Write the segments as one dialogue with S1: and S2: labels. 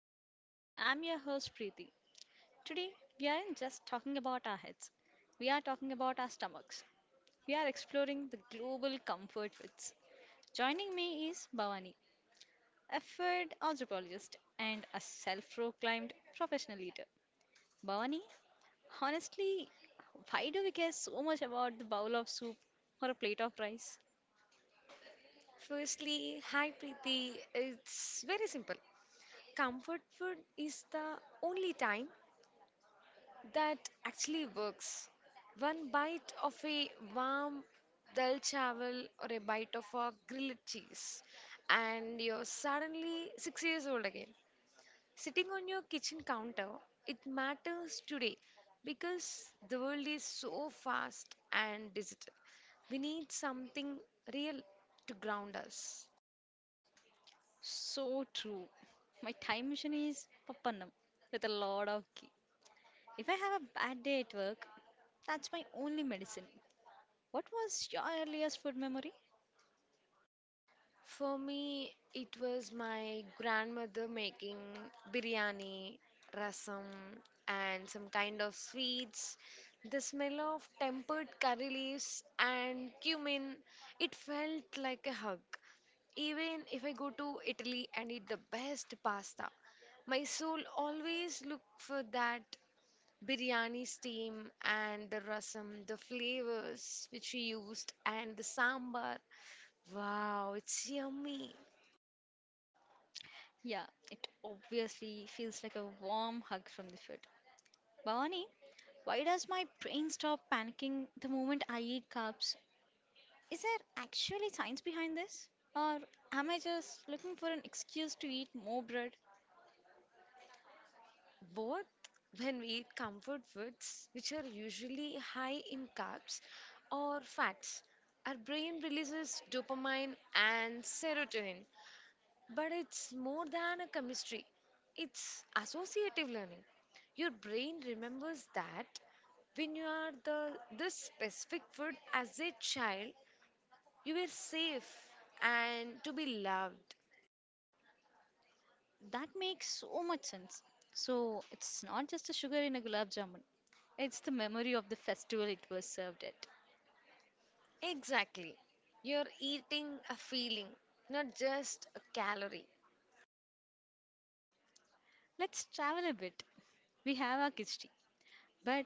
S1: Space. I'm your host Preeti. Today we aren't just talking about our heads, we are talking about our stomachs. We are exploring the global comfort foods. Joining me is Bhavani, a food anthropologist and a self proclaimed professional eater. Bhavani, honestly, why do we care so much about the bowl of soup or a plate of rice?
S2: Firstly, hi Preeti. It's very simple. Comfort food is the only time that actually works. One bite of a warm dal chawal or a bite of a grilled cheese, and you're suddenly 6 years old again. Sitting on your kitchen counter, it matters today because the world is so fast and digital. We need something real to ground us.
S1: So true. My time machine is Papanam with a lot of ghee. If I have a bad day at work, that's my only medicine. What was your earliest food memory?
S2: For me, it was my grandmother making biryani, rasam, and some kind of sweets. The smell of tempered curry leaves and cumin, it felt like a hug. Even if I go to Italy and eat the best pasta, my soul always look for that biryani steam and the rasam, the flavors which we used, and the sambar. Wow, it's yummy.
S1: Yeah, it obviously feels like a warm hug from the food. Bhavani, why does my brain stop panicking the moment I eat carbs? Is there actually science behind this? Or am I just looking for an excuse to eat more bread?
S2: Both when we eat comfort foods, which are usually high in carbs or fats, our brain releases dopamine and serotonin. But it's more than a chemistry, it's associative learning. Your brain remembers that when you are the this specific food as a child you were safe and to be loved.
S1: That makes so much sense. So it's not just a sugar in a gulab jamun, it's the memory of the festival it was served at.
S2: Exactly. You're eating a feeling, not just a calorie.
S1: Let's travel a bit. We have our khichdi. But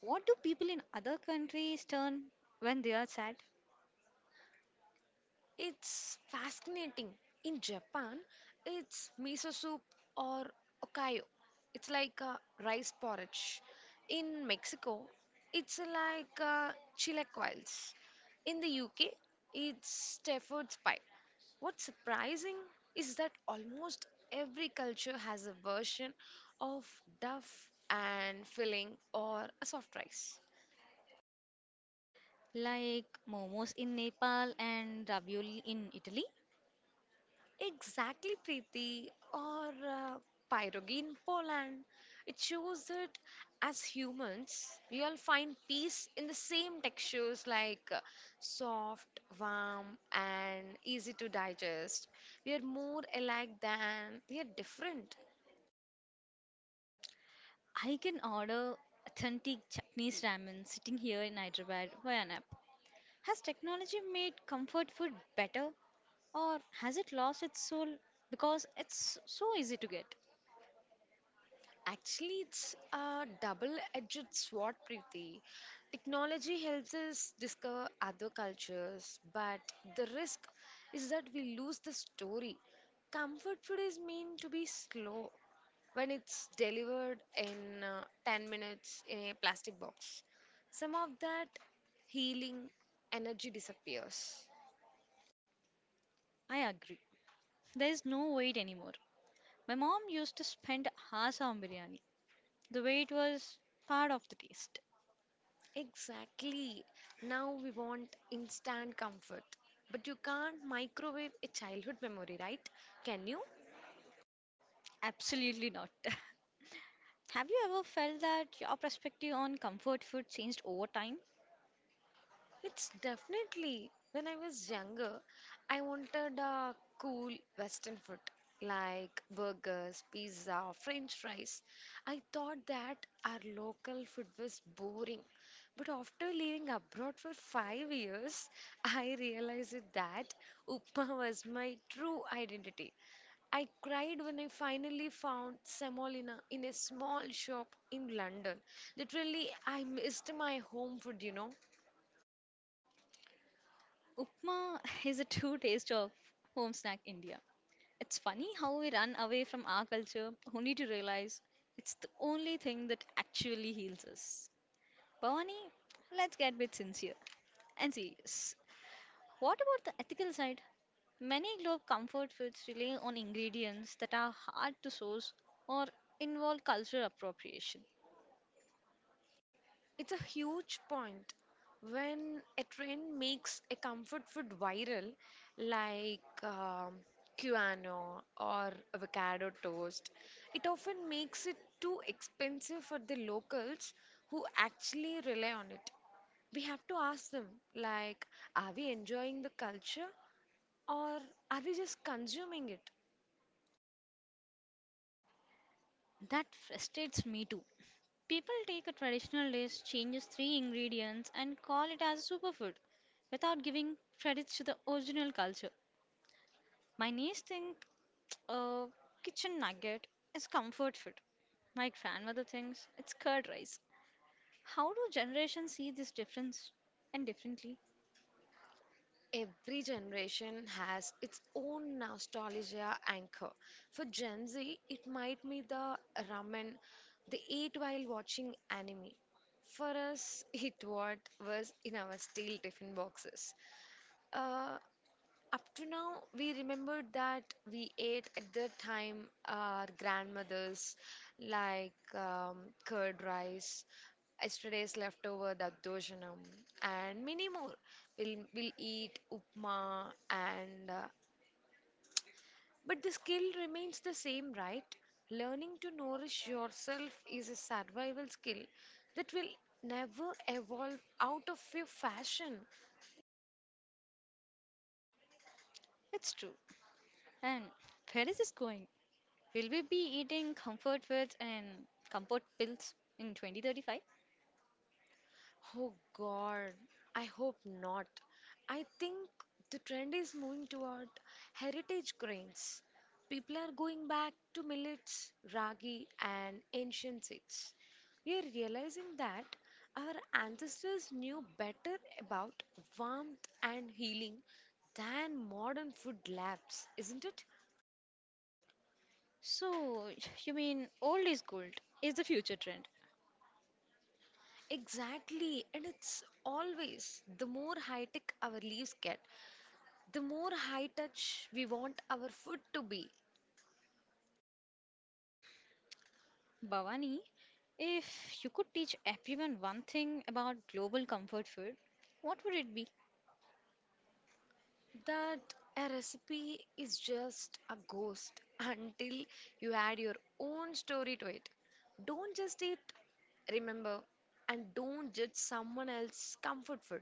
S1: what do people in other countries turn when they are sad?
S2: It's fascinating. In Japan, it's miso soup or okayo. It's like rice porridge. In Mexico, it's like chilaquiles. In the UK, it's Stafford's pie. What's surprising is that almost every culture has a version of duff and filling or a soft rice.
S1: Like momos in Nepal and ravioli in Italy?
S2: Exactly, Preeti, or pierogi in Poland. It shows that as humans, we all find peace in the same textures like soft, warm, and easy to digest. We are more alike than we are different.
S1: I can order authentic Japanese ramen sitting here in Hyderabad for an app. Has technology made comfort food better or has it lost its soul because it's so easy to get?
S2: Actually, it's a double-edged sword, Preeti. Technology helps us discover other cultures, but the risk is that we lose the story. Comfort food is meant to be slow when it's delivered in 10 minutes in a plastic box. Some of that healing energy disappears.
S1: I agree. There is no wait anymore. My mom used to spend hours on biryani. The wait was part of the taste.
S2: Exactly. Now we want instant comfort. But you can't microwave a childhood memory, right? Can you?
S1: Absolutely not. Have you ever felt that your perspective on comfort food changed over time?
S2: It's definitely. When I was younger, I wanted a cool Western food like burgers, pizza, French fries. I thought that our local food was boring. But after living abroad for 5 years, I realized that Upma was my true identity. I cried when I finally found semolina in a small shop in London. Literally, I missed my home food.
S1: Upma is a true taste of home snack India. It's funny how we run away from our culture only to realize it's the only thing that actually heals us. Bhavani, let's get a bit sincere and serious. What about the ethical side? Many globe comfort foods rely on ingredients that are hard to source or involve cultural appropriation.
S2: It's a huge point. When a trend makes a comfort food viral, like Cuano or avocado toast, it often makes it too expensive for the locals who actually rely on it. We have to ask them, like, are we enjoying the culture or are we just consuming it?
S1: That frustrates me too. People take a traditional dish, changes three ingredients, and call it as a superfood without giving credits to the original culture. My niece thinks a kitchen nugget is comfort food. My grandmother thinks it's curd rice. How do generations see this difference and differently?
S2: Every generation has its own nostalgia anchor. For Gen Z, it might be the ramen they ate while watching anime. For us, it what was in our steel tiffin boxes. Uh, Up to now, we remembered that we ate at the time our grandmothers, like curd rice, yesterday's leftover dadoshanam, and many more. We'll eat upma, and but the skill remains the same, right? Learning to nourish yourself is a survival skill that will never evolve out of your fashion.
S1: It's true. And where is this going? Will we be eating comfort foods and comfort pills in 2035?
S2: Oh God, I hope not. I think the trend is moving toward heritage grains. People are going back to millets, ragi, and ancient seeds. We are realizing that our ancestors knew better about warmth and healing than modern food labs, isn't it?
S1: So, you mean old is gold is the future trend.
S2: Exactly, and it's always the more high tech our leaves get, the more high touch we want our food to be,
S1: Bhavani, if you could teach everyone one thing about global comfort food, what would it be?
S2: that a recipe is just a ghost until you add your own story to it. Don't just eat, remember, and don't judge someone else's comfort food.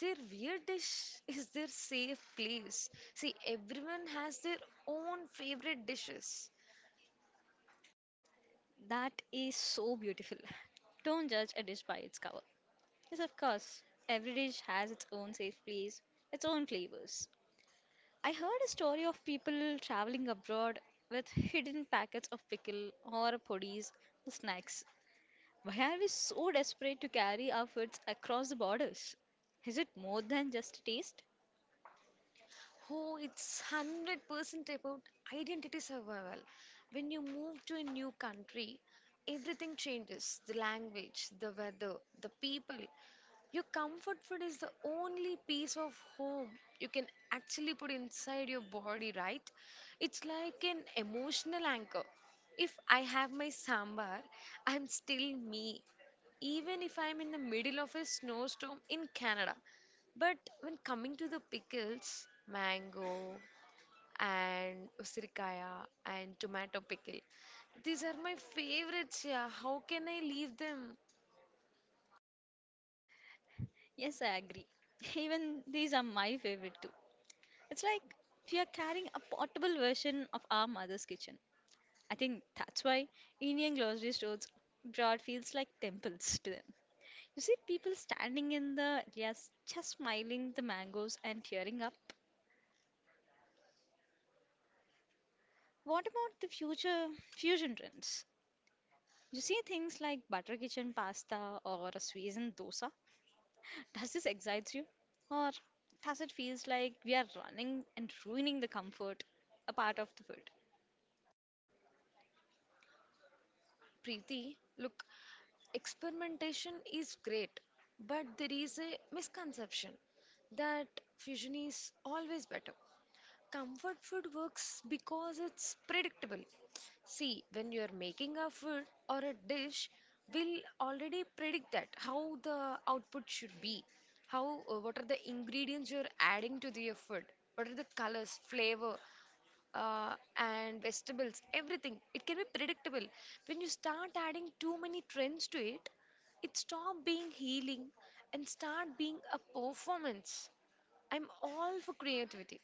S2: Their weird dish is their safe place. See, everyone has their own favorite dishes.
S1: That is so beautiful. Don't judge a dish by its cover. Yes, of course, every dish has its own safe place, its own flavors. I heard a story of people traveling abroad with hidden packets of pickle or poddies for snacks. Why are we so desperate to carry our foods across the borders? Is it more than just taste?
S2: Oh, it's 100% about identity survival. When you move to a new country, everything changes the language, the weather, the people. Your comfort food is the only piece of home you can actually put inside your body, right? It's like an emotional anchor. If I have my sambar, I'm still me even if I'm in the middle of a snowstorm in Canada. But when coming to the pickles, mango and usirikaya and tomato pickle, these are my favorites. Yeah, how can I leave them?
S1: Yes, I agree. Even these are my favorite too. It's like we are carrying a portable version of our mother's kitchen. I think that's why Indian grocery stores broad feels like temples to them. You see people standing in the areas just smiling the mangoes and tearing up. What about the future fusion trends? You see things like butter kitchen pasta or a Swiss dosa. Does this excite you? Or does it feels like we are running and ruining the comfort a part of the food?
S2: Preeti, look, experimentation is great, but there is a misconception that fusion is always better. Comfort food works because it's predictable. See, when you are making a food or a dish, we'll already predict that how the output should be, how what are the ingredients you're adding to the food, what are the colors, flavor, and vegetables, everything. It can be predictable. When you start adding too many trends to it, it stop being healing and start being a performance. I'm all for creativity,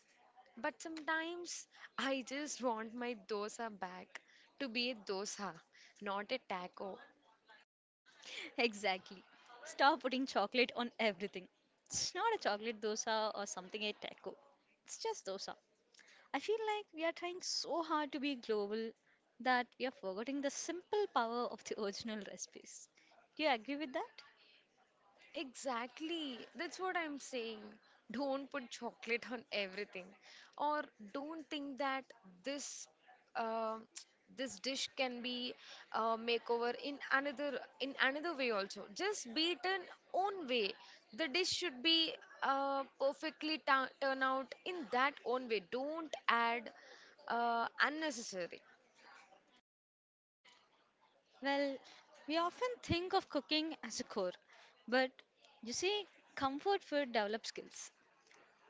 S2: but sometimes I just want my dosa back to be a dosa, not a taco.
S1: Exactly. Stop putting chocolate on everything. It's not a chocolate dosa or something a taco. It's just dosa. I feel like we are trying so hard to be global that we are forgetting the simple power of the original recipes. Do you agree with that?
S2: Exactly. That's what I'm saying. Don't put chocolate on everything, or don't think that this uh, this dish can be makeover in another way also. Just be it an own way. The dish should be perfectly ta turn out in that own way. Don't add unnecessary.
S1: Well, we often think of cooking as a core, but you see, comfort food develops skills.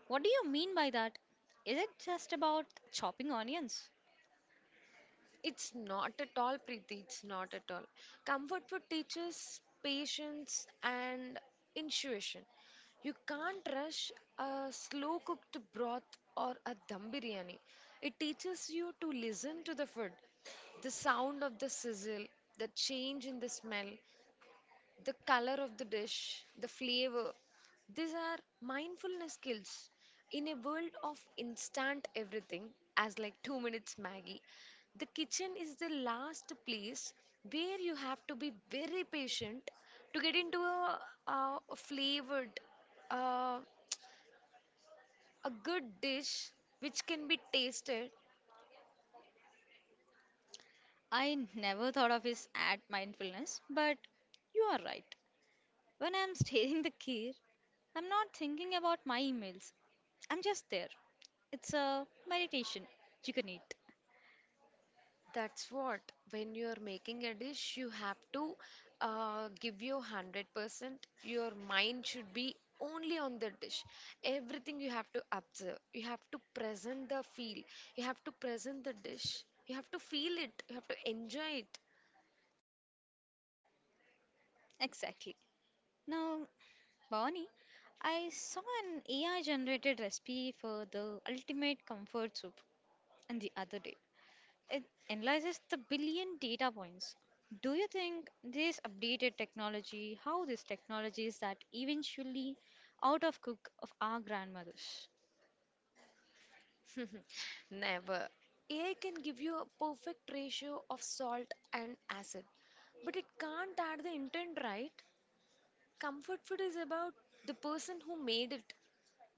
S1: What do you mean by that? Is it just about chopping onions?
S2: It's not at all, Preeti. It's not at all. Comfort food teaches patience and intuition. You can't rush a slow cooked broth or a dum biryani. It teaches you to listen to the food, the sound of the sizzle, the change in the smell, the color of the dish, the flavor. These are mindfulness skills. In a world of instant everything, as like 2 minutes Maggie, the kitchen is the last place where you have to be very patient to get into a flavored, uh, a good dish which can be tasted.
S1: I never thought of his ad mindfulness, but you are right. When I'm staring the key, I'm not thinking about my emails. I'm just there. It's a meditation. You can eat.
S2: That's what, when you're making a dish, you have to give your 100%. Your mind should be only on the dish. Everything you have to observe. You have to present the feel. You have to present the dish. You have to feel it. You have to enjoy it.
S1: Exactly. Now, Bonnie, I saw an AI generated recipe for the ultimate comfort soup and the other day. It analyzes the billion data points. Do you think this updated technology, how this technology is that eventually out of cook of our grandmothers?
S2: Never. AI can give you a perfect ratio of salt and acid, but it can't add the intent, right? Comfort food is about the person who made it.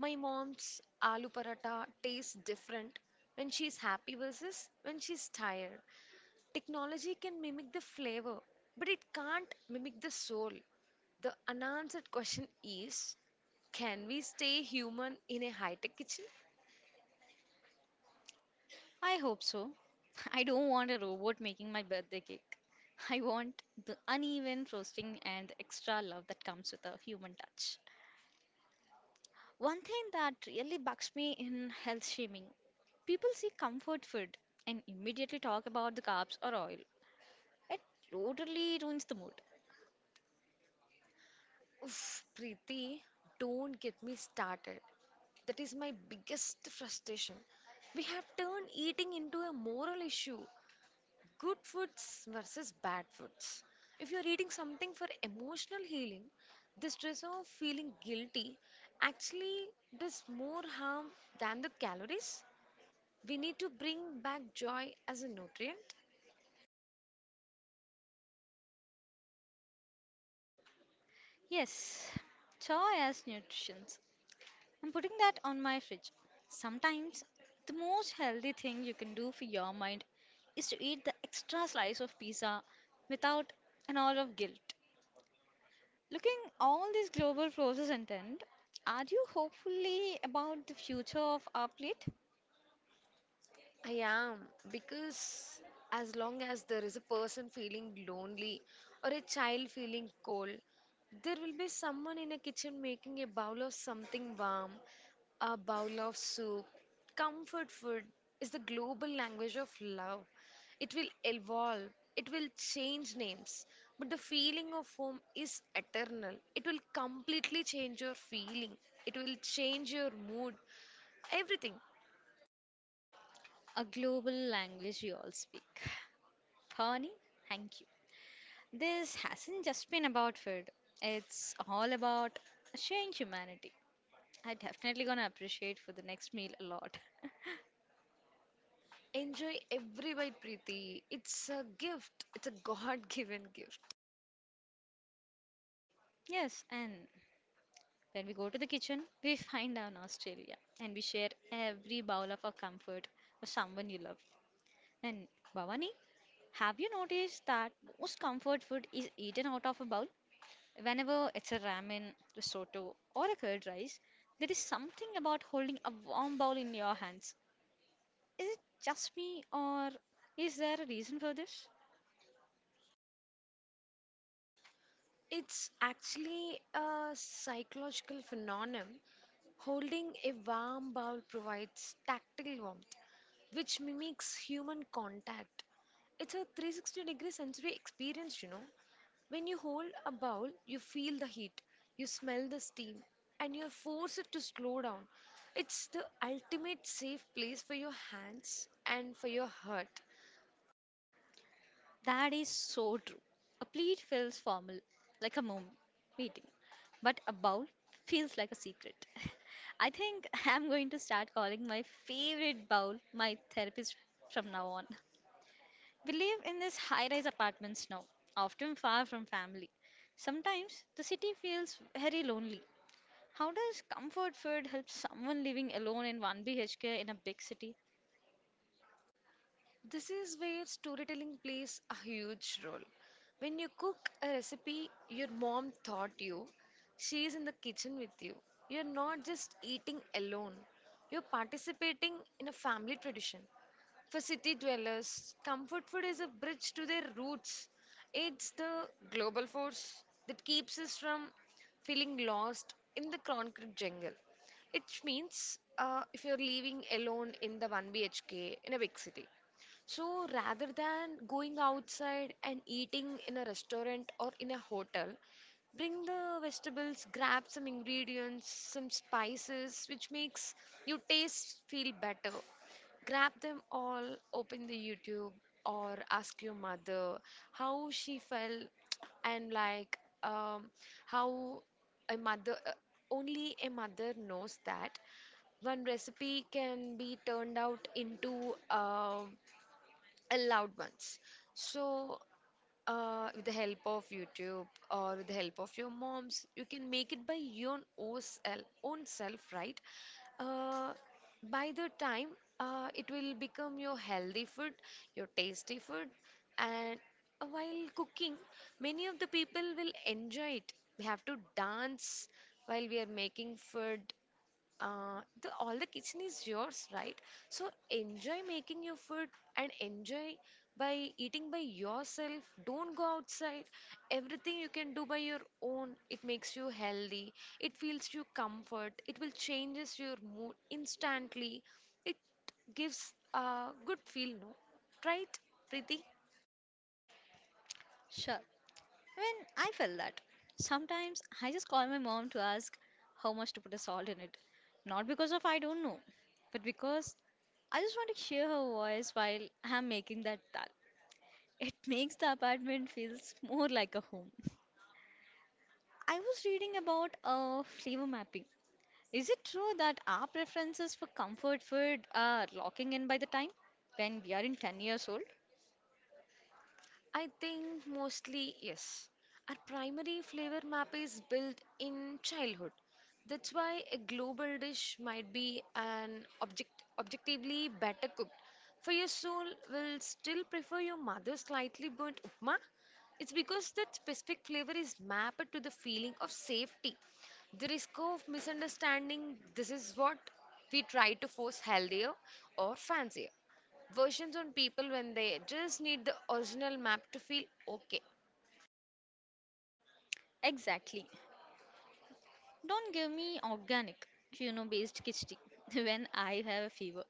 S2: My mom's aloo paratha tastes different when she's happy versus when she's tired. Technology can mimic the flavor, but it can't mimic the soul. The unanswered question is can we stay human in a high tech kitchen?
S1: I hope so. I don't want a robot making my birthday cake. I want the uneven frosting and the extra love that comes with a human touch. One thing that really bugs me in health shaming people see comfort food and immediately talk about the carbs or oil. It totally ruins the mood.
S2: Oof, Preeti, don't get me started. That is my biggest frustration. We have turned eating into a moral issue. Good foods versus bad foods. If you're eating something for emotional healing, the stress of feeling guilty actually does more harm than the calories. We need to bring back joy as a nutrient.
S1: Yes, joy as nutrition. I'm putting that on my fridge. Sometimes the most healthy thing you can do for your mind is to eat the extra slice of pizza without an hour of guilt. Looking all these global forces intent, are you hopefully about the future of our plate?
S2: I am, because as long as there is a person feeling lonely or a child feeling cold, there will be someone in a kitchen making a bowl of something warm, a bowl of soup. Comfort food is the global language of love. It will evolve, it will change names, but the feeling of home is eternal. It will completely change your feeling, it will change your mood, everything.
S1: A global language we all speak. Pony, thank you. This hasn't just been about food. It's all about sharing humanity. I definitely gonna appreciate for the next meal a lot.
S2: Enjoy every bite, Preeti. It's a gift. It's a God-given gift.
S1: Yes, and when we go to the kitchen, we find our nostalgia and we share every bowl of our comfort for someone you love. And Bhavani, have you noticed that most comfort food is eaten out of a bowl? Whenever it's a ramen, risotto, or a curd rice, there is something about holding a warm bowl in your hands. Is it just me, or is there a reason for this?
S2: It's actually a psychological phenomenon. Holding a warm bowl provides tactile warmth, which mimics human contact. It's a 360 degree sensory experience, you know. When you hold a bowl, you feel the heat, you smell the steam, and you're forced to slow down. It's the ultimate safe place for your hands and for your heart.
S1: That is so true. A plate feels formal, like a mom meeting, but a bowl feels like a secret. I think I'm going to start calling my favorite bowl my therapist from now on. We live in these high rise apartments now, often far from family. Sometimes the city feels very lonely. How does comfort food help someone living alone in 1 BHK in a big city?
S2: This is where storytelling plays a huge role. When you cook a recipe your mom taught you, she is in the kitchen with you. You're not just eating alone, you're participating in a family tradition. For city dwellers, comfort food is a bridge to their roots. It's the global force that keeps us from feeling lost in the concrete jungle. It means if you're living alone in the 1 BHK in a big city, so rather than going outside and eating in a restaurant or in a hotel, bring the vegetables, grab some ingredients, some spices, which makes your taste feel better. Grab them all, open the YouTube, or ask your mother how she felt and like um, how a mother, only a mother knows that one recipe can be turned out into allowed ones. So, with the help of YouTube or with the help of your moms, you can make it by your own self, right? Uh, by the time, it will become your healthy food, your tasty food, and while cooking, many of the people will enjoy it. We have to dance while we are making food, the all the kitchen is yours, right? So enjoy making your food and enjoy by eating by yourself. Don't go outside. Everything you can do by your own. It makes you healthy. It feels you comfort. It will changes your mood instantly. It gives a good feel, no? Right, Preeti?
S1: Sure. I mean, I felt that. Sometimes I just call my mom to ask how much to put a salt in it. Not because of I don't know, but because I just want to hear her voice while I'm making that dal. It makes the apartment feels more like a home. I was reading about flavor mapping. Is it true that our preferences for comfort food are locking in by the time when we are in 10 years old?
S2: I think mostly yes. Our primary flavor map is built in childhood. That's why a global dish might be an object objectively better cooked. For your soul will still prefer your mother's slightly burnt upma. It's because that specific flavor is mapped to the feeling of safety. The risk of misunderstanding this is what we try to force healthier or fancier versions on people when they just need the original map to feel okay.
S1: Exactly. Don't give me organic, quinoa based khichdi when I have a fever.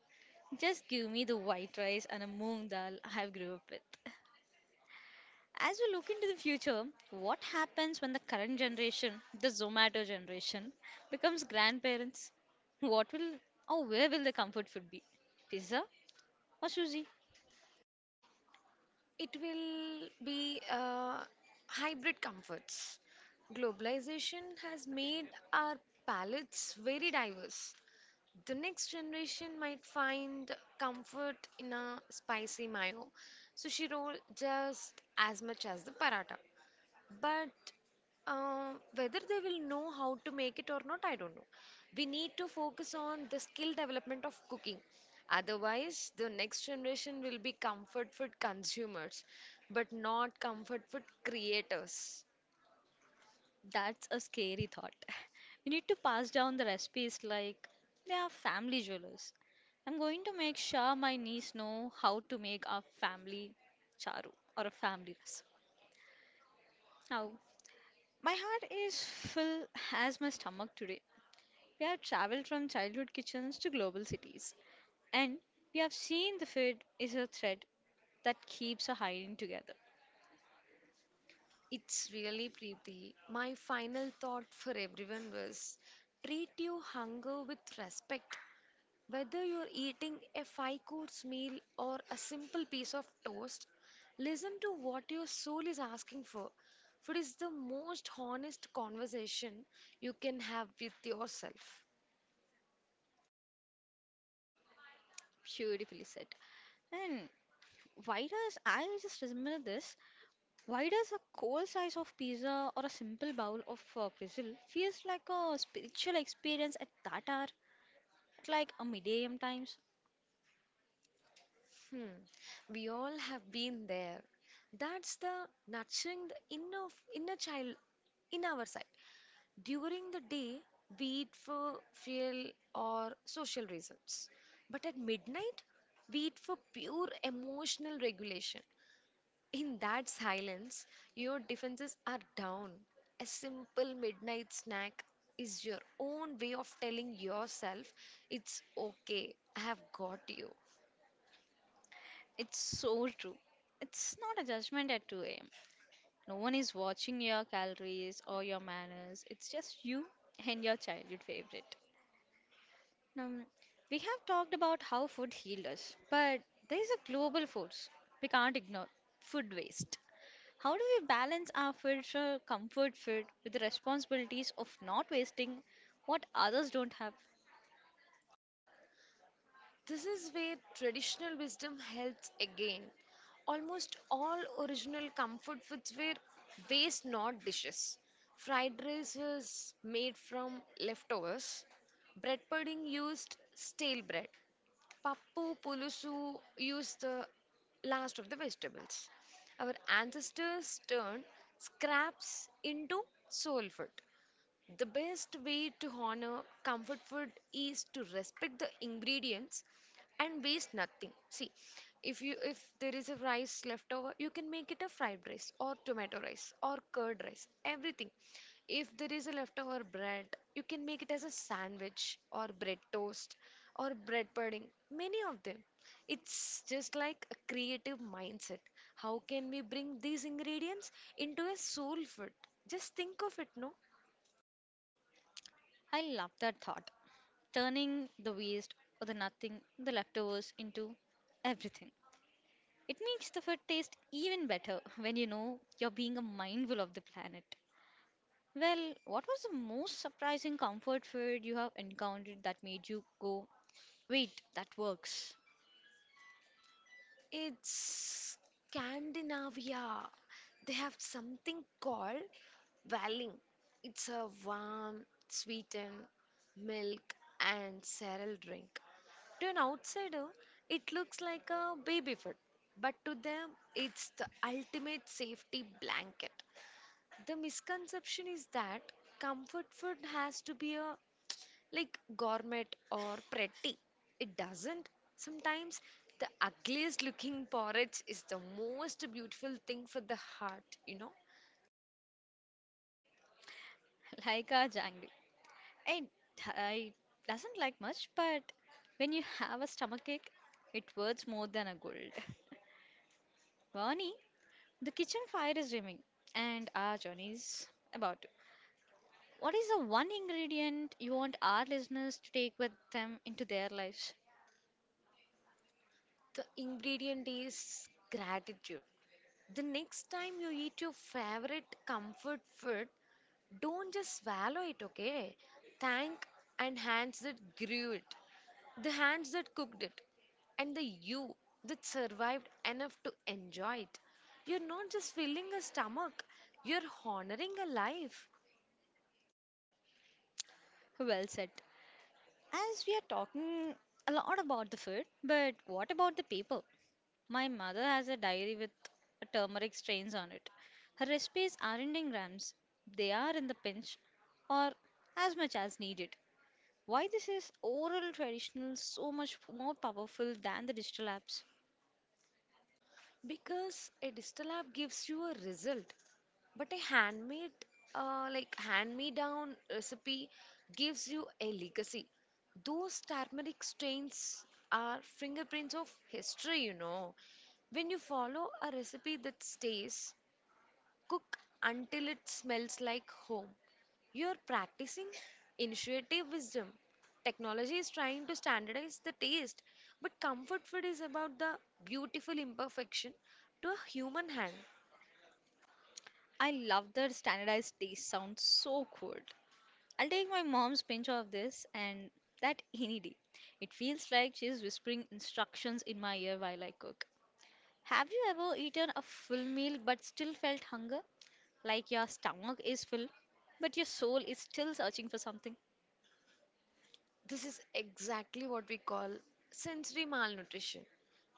S1: Just give me the white rice and a moong dal I have grew up with. As we look into the future, what happens when the current generation, the Zomato generation, becomes grandparents? What will or where will the comfort food be? Pizza or sushi?
S2: It will be hybrid comforts. Globalization has made our palates very diverse. The next generation might find comfort in a spicy mayo, sushi roll just as much as the paratha. But whether they will know how to make it or not, I don't know. We need to focus on the skill development of cooking. Otherwise, the next generation will be comfort food consumers, but not comfort food creators.
S1: That's a scary thought. We need to pass down the recipes like they are family jewels. I'm going to make sure my niece know how to make a family charu or a family recipe. How? My heart is full as my stomach today. We have traveled from childhood kitchens to global cities, and we have seen the food is a thread that keeps our hiding together.
S2: It's really pretty. My final thought for everyone was treat your hunger with respect. Whether you're eating a five course meal or a simple piece of toast, listen to what your soul is asking for. Food is the most honest conversation you can have with yourself.
S1: Beautifully said. And why does I just remember this? Why does a cold slice of pizza or a simple bowl of drizzle feels like a spiritual experience at that hour, at like a midday a m times?
S2: Hmm, we all have been there. That's the nurturing the inner child in our side. During the day, we eat for fuel or social reasons. But at midnight, we eat for pure emotional regulation. In that silence, your defenses are down. A simple midnight snack is your own way of telling yourself it's okay, I have got you.
S1: It's so true. It's not a judgment at 2 a.m. No one is watching your calories or your manners. It's just you and your childhood favorite. Now, we have talked about how food healed us, but there is a global force we can't ignore food waste. How do we balance our future comfort food with the responsibilities of not wasting what others don't have?
S2: This is where traditional wisdom helps again. Almost all original comfort foods were waste, not dishes. Fried rice was made from leftovers. Bread pudding used stale bread. Pappu pulusu used the last of the vegetables. Our ancestors turned scraps into soul food. The best way to honor comfort food is to respect the ingredients and waste nothing. See, if there is a rice leftover, you can make it a fried rice or tomato rice or curd rice, everything. If there is a leftover bread, you can make it as a sandwich or bread toast or bread pudding. Many of them. It's just like a creative mindset. How can we bring these ingredients into a soul food? Just think of it, no?
S1: I love that thought. Turning the waste or the nothing, the leftovers into everything. It makes the food taste even better when you know you're being a mindful of the planet. Well, what was the most surprising comfort food you have encountered that made you go, wait, that works?
S2: It's Scandinavia. They have something called Valling. It's a warm, sweetened milk and cereal drink. To an outsider, it looks like a baby food, but to them, it's the ultimate safety blanket. The misconception is that comfort food has to be a like gourmet or pretty. It doesn't. Sometimes the ugliest looking porridge is the most beautiful thing for the heart, you know.
S1: Like our jungle. I, I doesn't like much, but when you have a stomachache, it worth more than a gold. Bonnie, the kitchen fire is rimming, and our journey is about to. What is the one ingredient you want our listeners to take with them into their lives?
S2: The ingredient is gratitude. The next time you eat your favorite comfort food, don't just swallow it, okay? Thank and hands that grew it, the hands that cooked it, and the you that survived enough to enjoy it. You're not just filling a stomach, you're honoring a life.
S1: Well said. As we are talking a lot about the food, but what about the people? My mother has a diary with turmeric stains on it. Her recipes aren't in grams, they are in the pinch or as much as needed. Why this is oral traditional so much more powerful than the digital apps?
S2: Because a digital app gives you a result, but a handmade, like hand-me-down recipe gives you a legacy. Those turmeric stains are fingerprints of history, you know. When you follow a recipe that stays, cook until it smells like home. You're practicing intuitive wisdom. Technology is trying to standardize the taste, but comfort food is about the beautiful imperfection to a human hand.
S1: I love that standardized taste sounds so cool. I'll take my mom's pinch of this and that any day. It feels like she's whispering instructions in my ear while I cook. Have you ever eaten a full meal but still felt hunger? Like your stomach is full, but your soul is still searching for something.
S2: This is exactly what we call sensory malnutrition.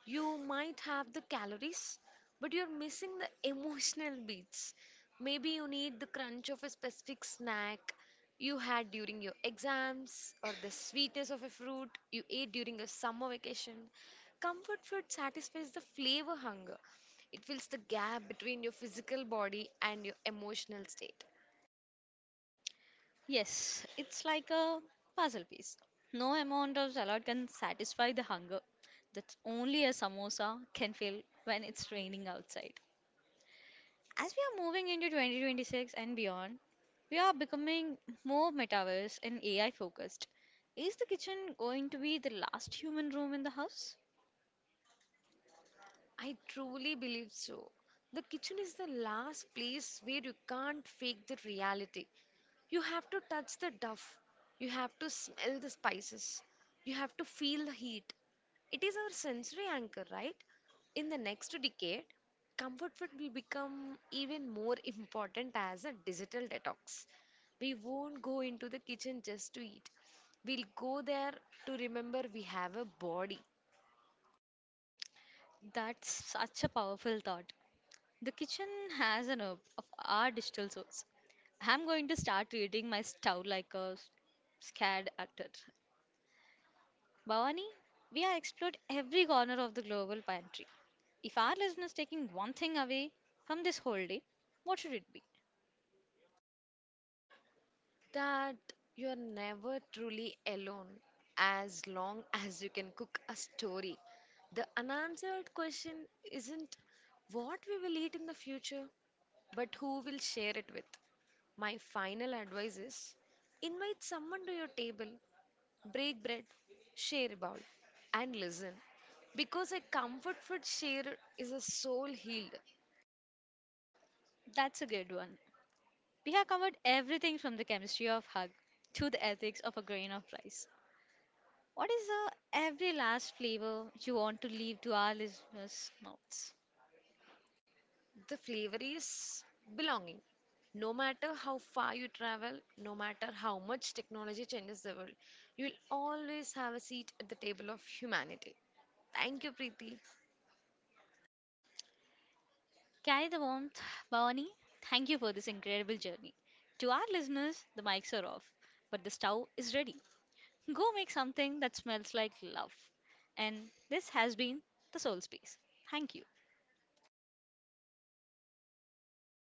S2: You might have the calories, but you're missing the emotional beats. Maybe you need the crunch of a specific snack you had during your exams, or the sweetness of a fruit you ate during a summer vacation. Comfort food satisfies the flavor hunger, it fills the gap between your physical body and your emotional state.
S1: Yes, it's like a puzzle piece. No amount of salad can satisfy the hunger that only a samosa can fill when it's raining outside. As we are moving into 2026 and beyond, we are becoming more metaverse and AI focused. Is the kitchen going to be the last human room in the house?
S2: I truly believe so. The kitchen is the last place where you can't fake the reality. You have to touch the duff, you have to smell the spices, you have to feel the heat. It is our sensory anchor, right? In the next decade, comfort food will become even more important as a digital detox. We won't go into the kitchen just to eat. We'll go there to remember we have a body.
S1: That's such a powerful thought. The kitchen has an herb of our digital souls. I'm going to start treating my stove like a scared actor. Bhavani, we have explored every corner of the global pantry. If our listeners taking one thing away from this whole day, what should it be?
S2: That you're never truly alone as long as you can cook a story. The unanswered question isn't what we will eat in the future, but who will share it with. My final advice is invite someone to your table, break bread, share a bowl, and listen. Because a comfort food share is a soul healed.
S1: That's a good one. We have covered everything from the chemistry of hug to the ethics of a grain of rice. What is the every last flavor you want to leave to our listeners' mouths?
S2: The flavor is belonging. No matter how far you travel, no matter how much technology changes the world, you will always have a seat at the table of humanity. Thank you, Preeti.
S1: Carry the warmth, Bhavani. Thank you for this incredible journey. To our listeners, the mics are off, but the stove is ready. Go make something that smells like love. And this has been the Soul Space. Thank you.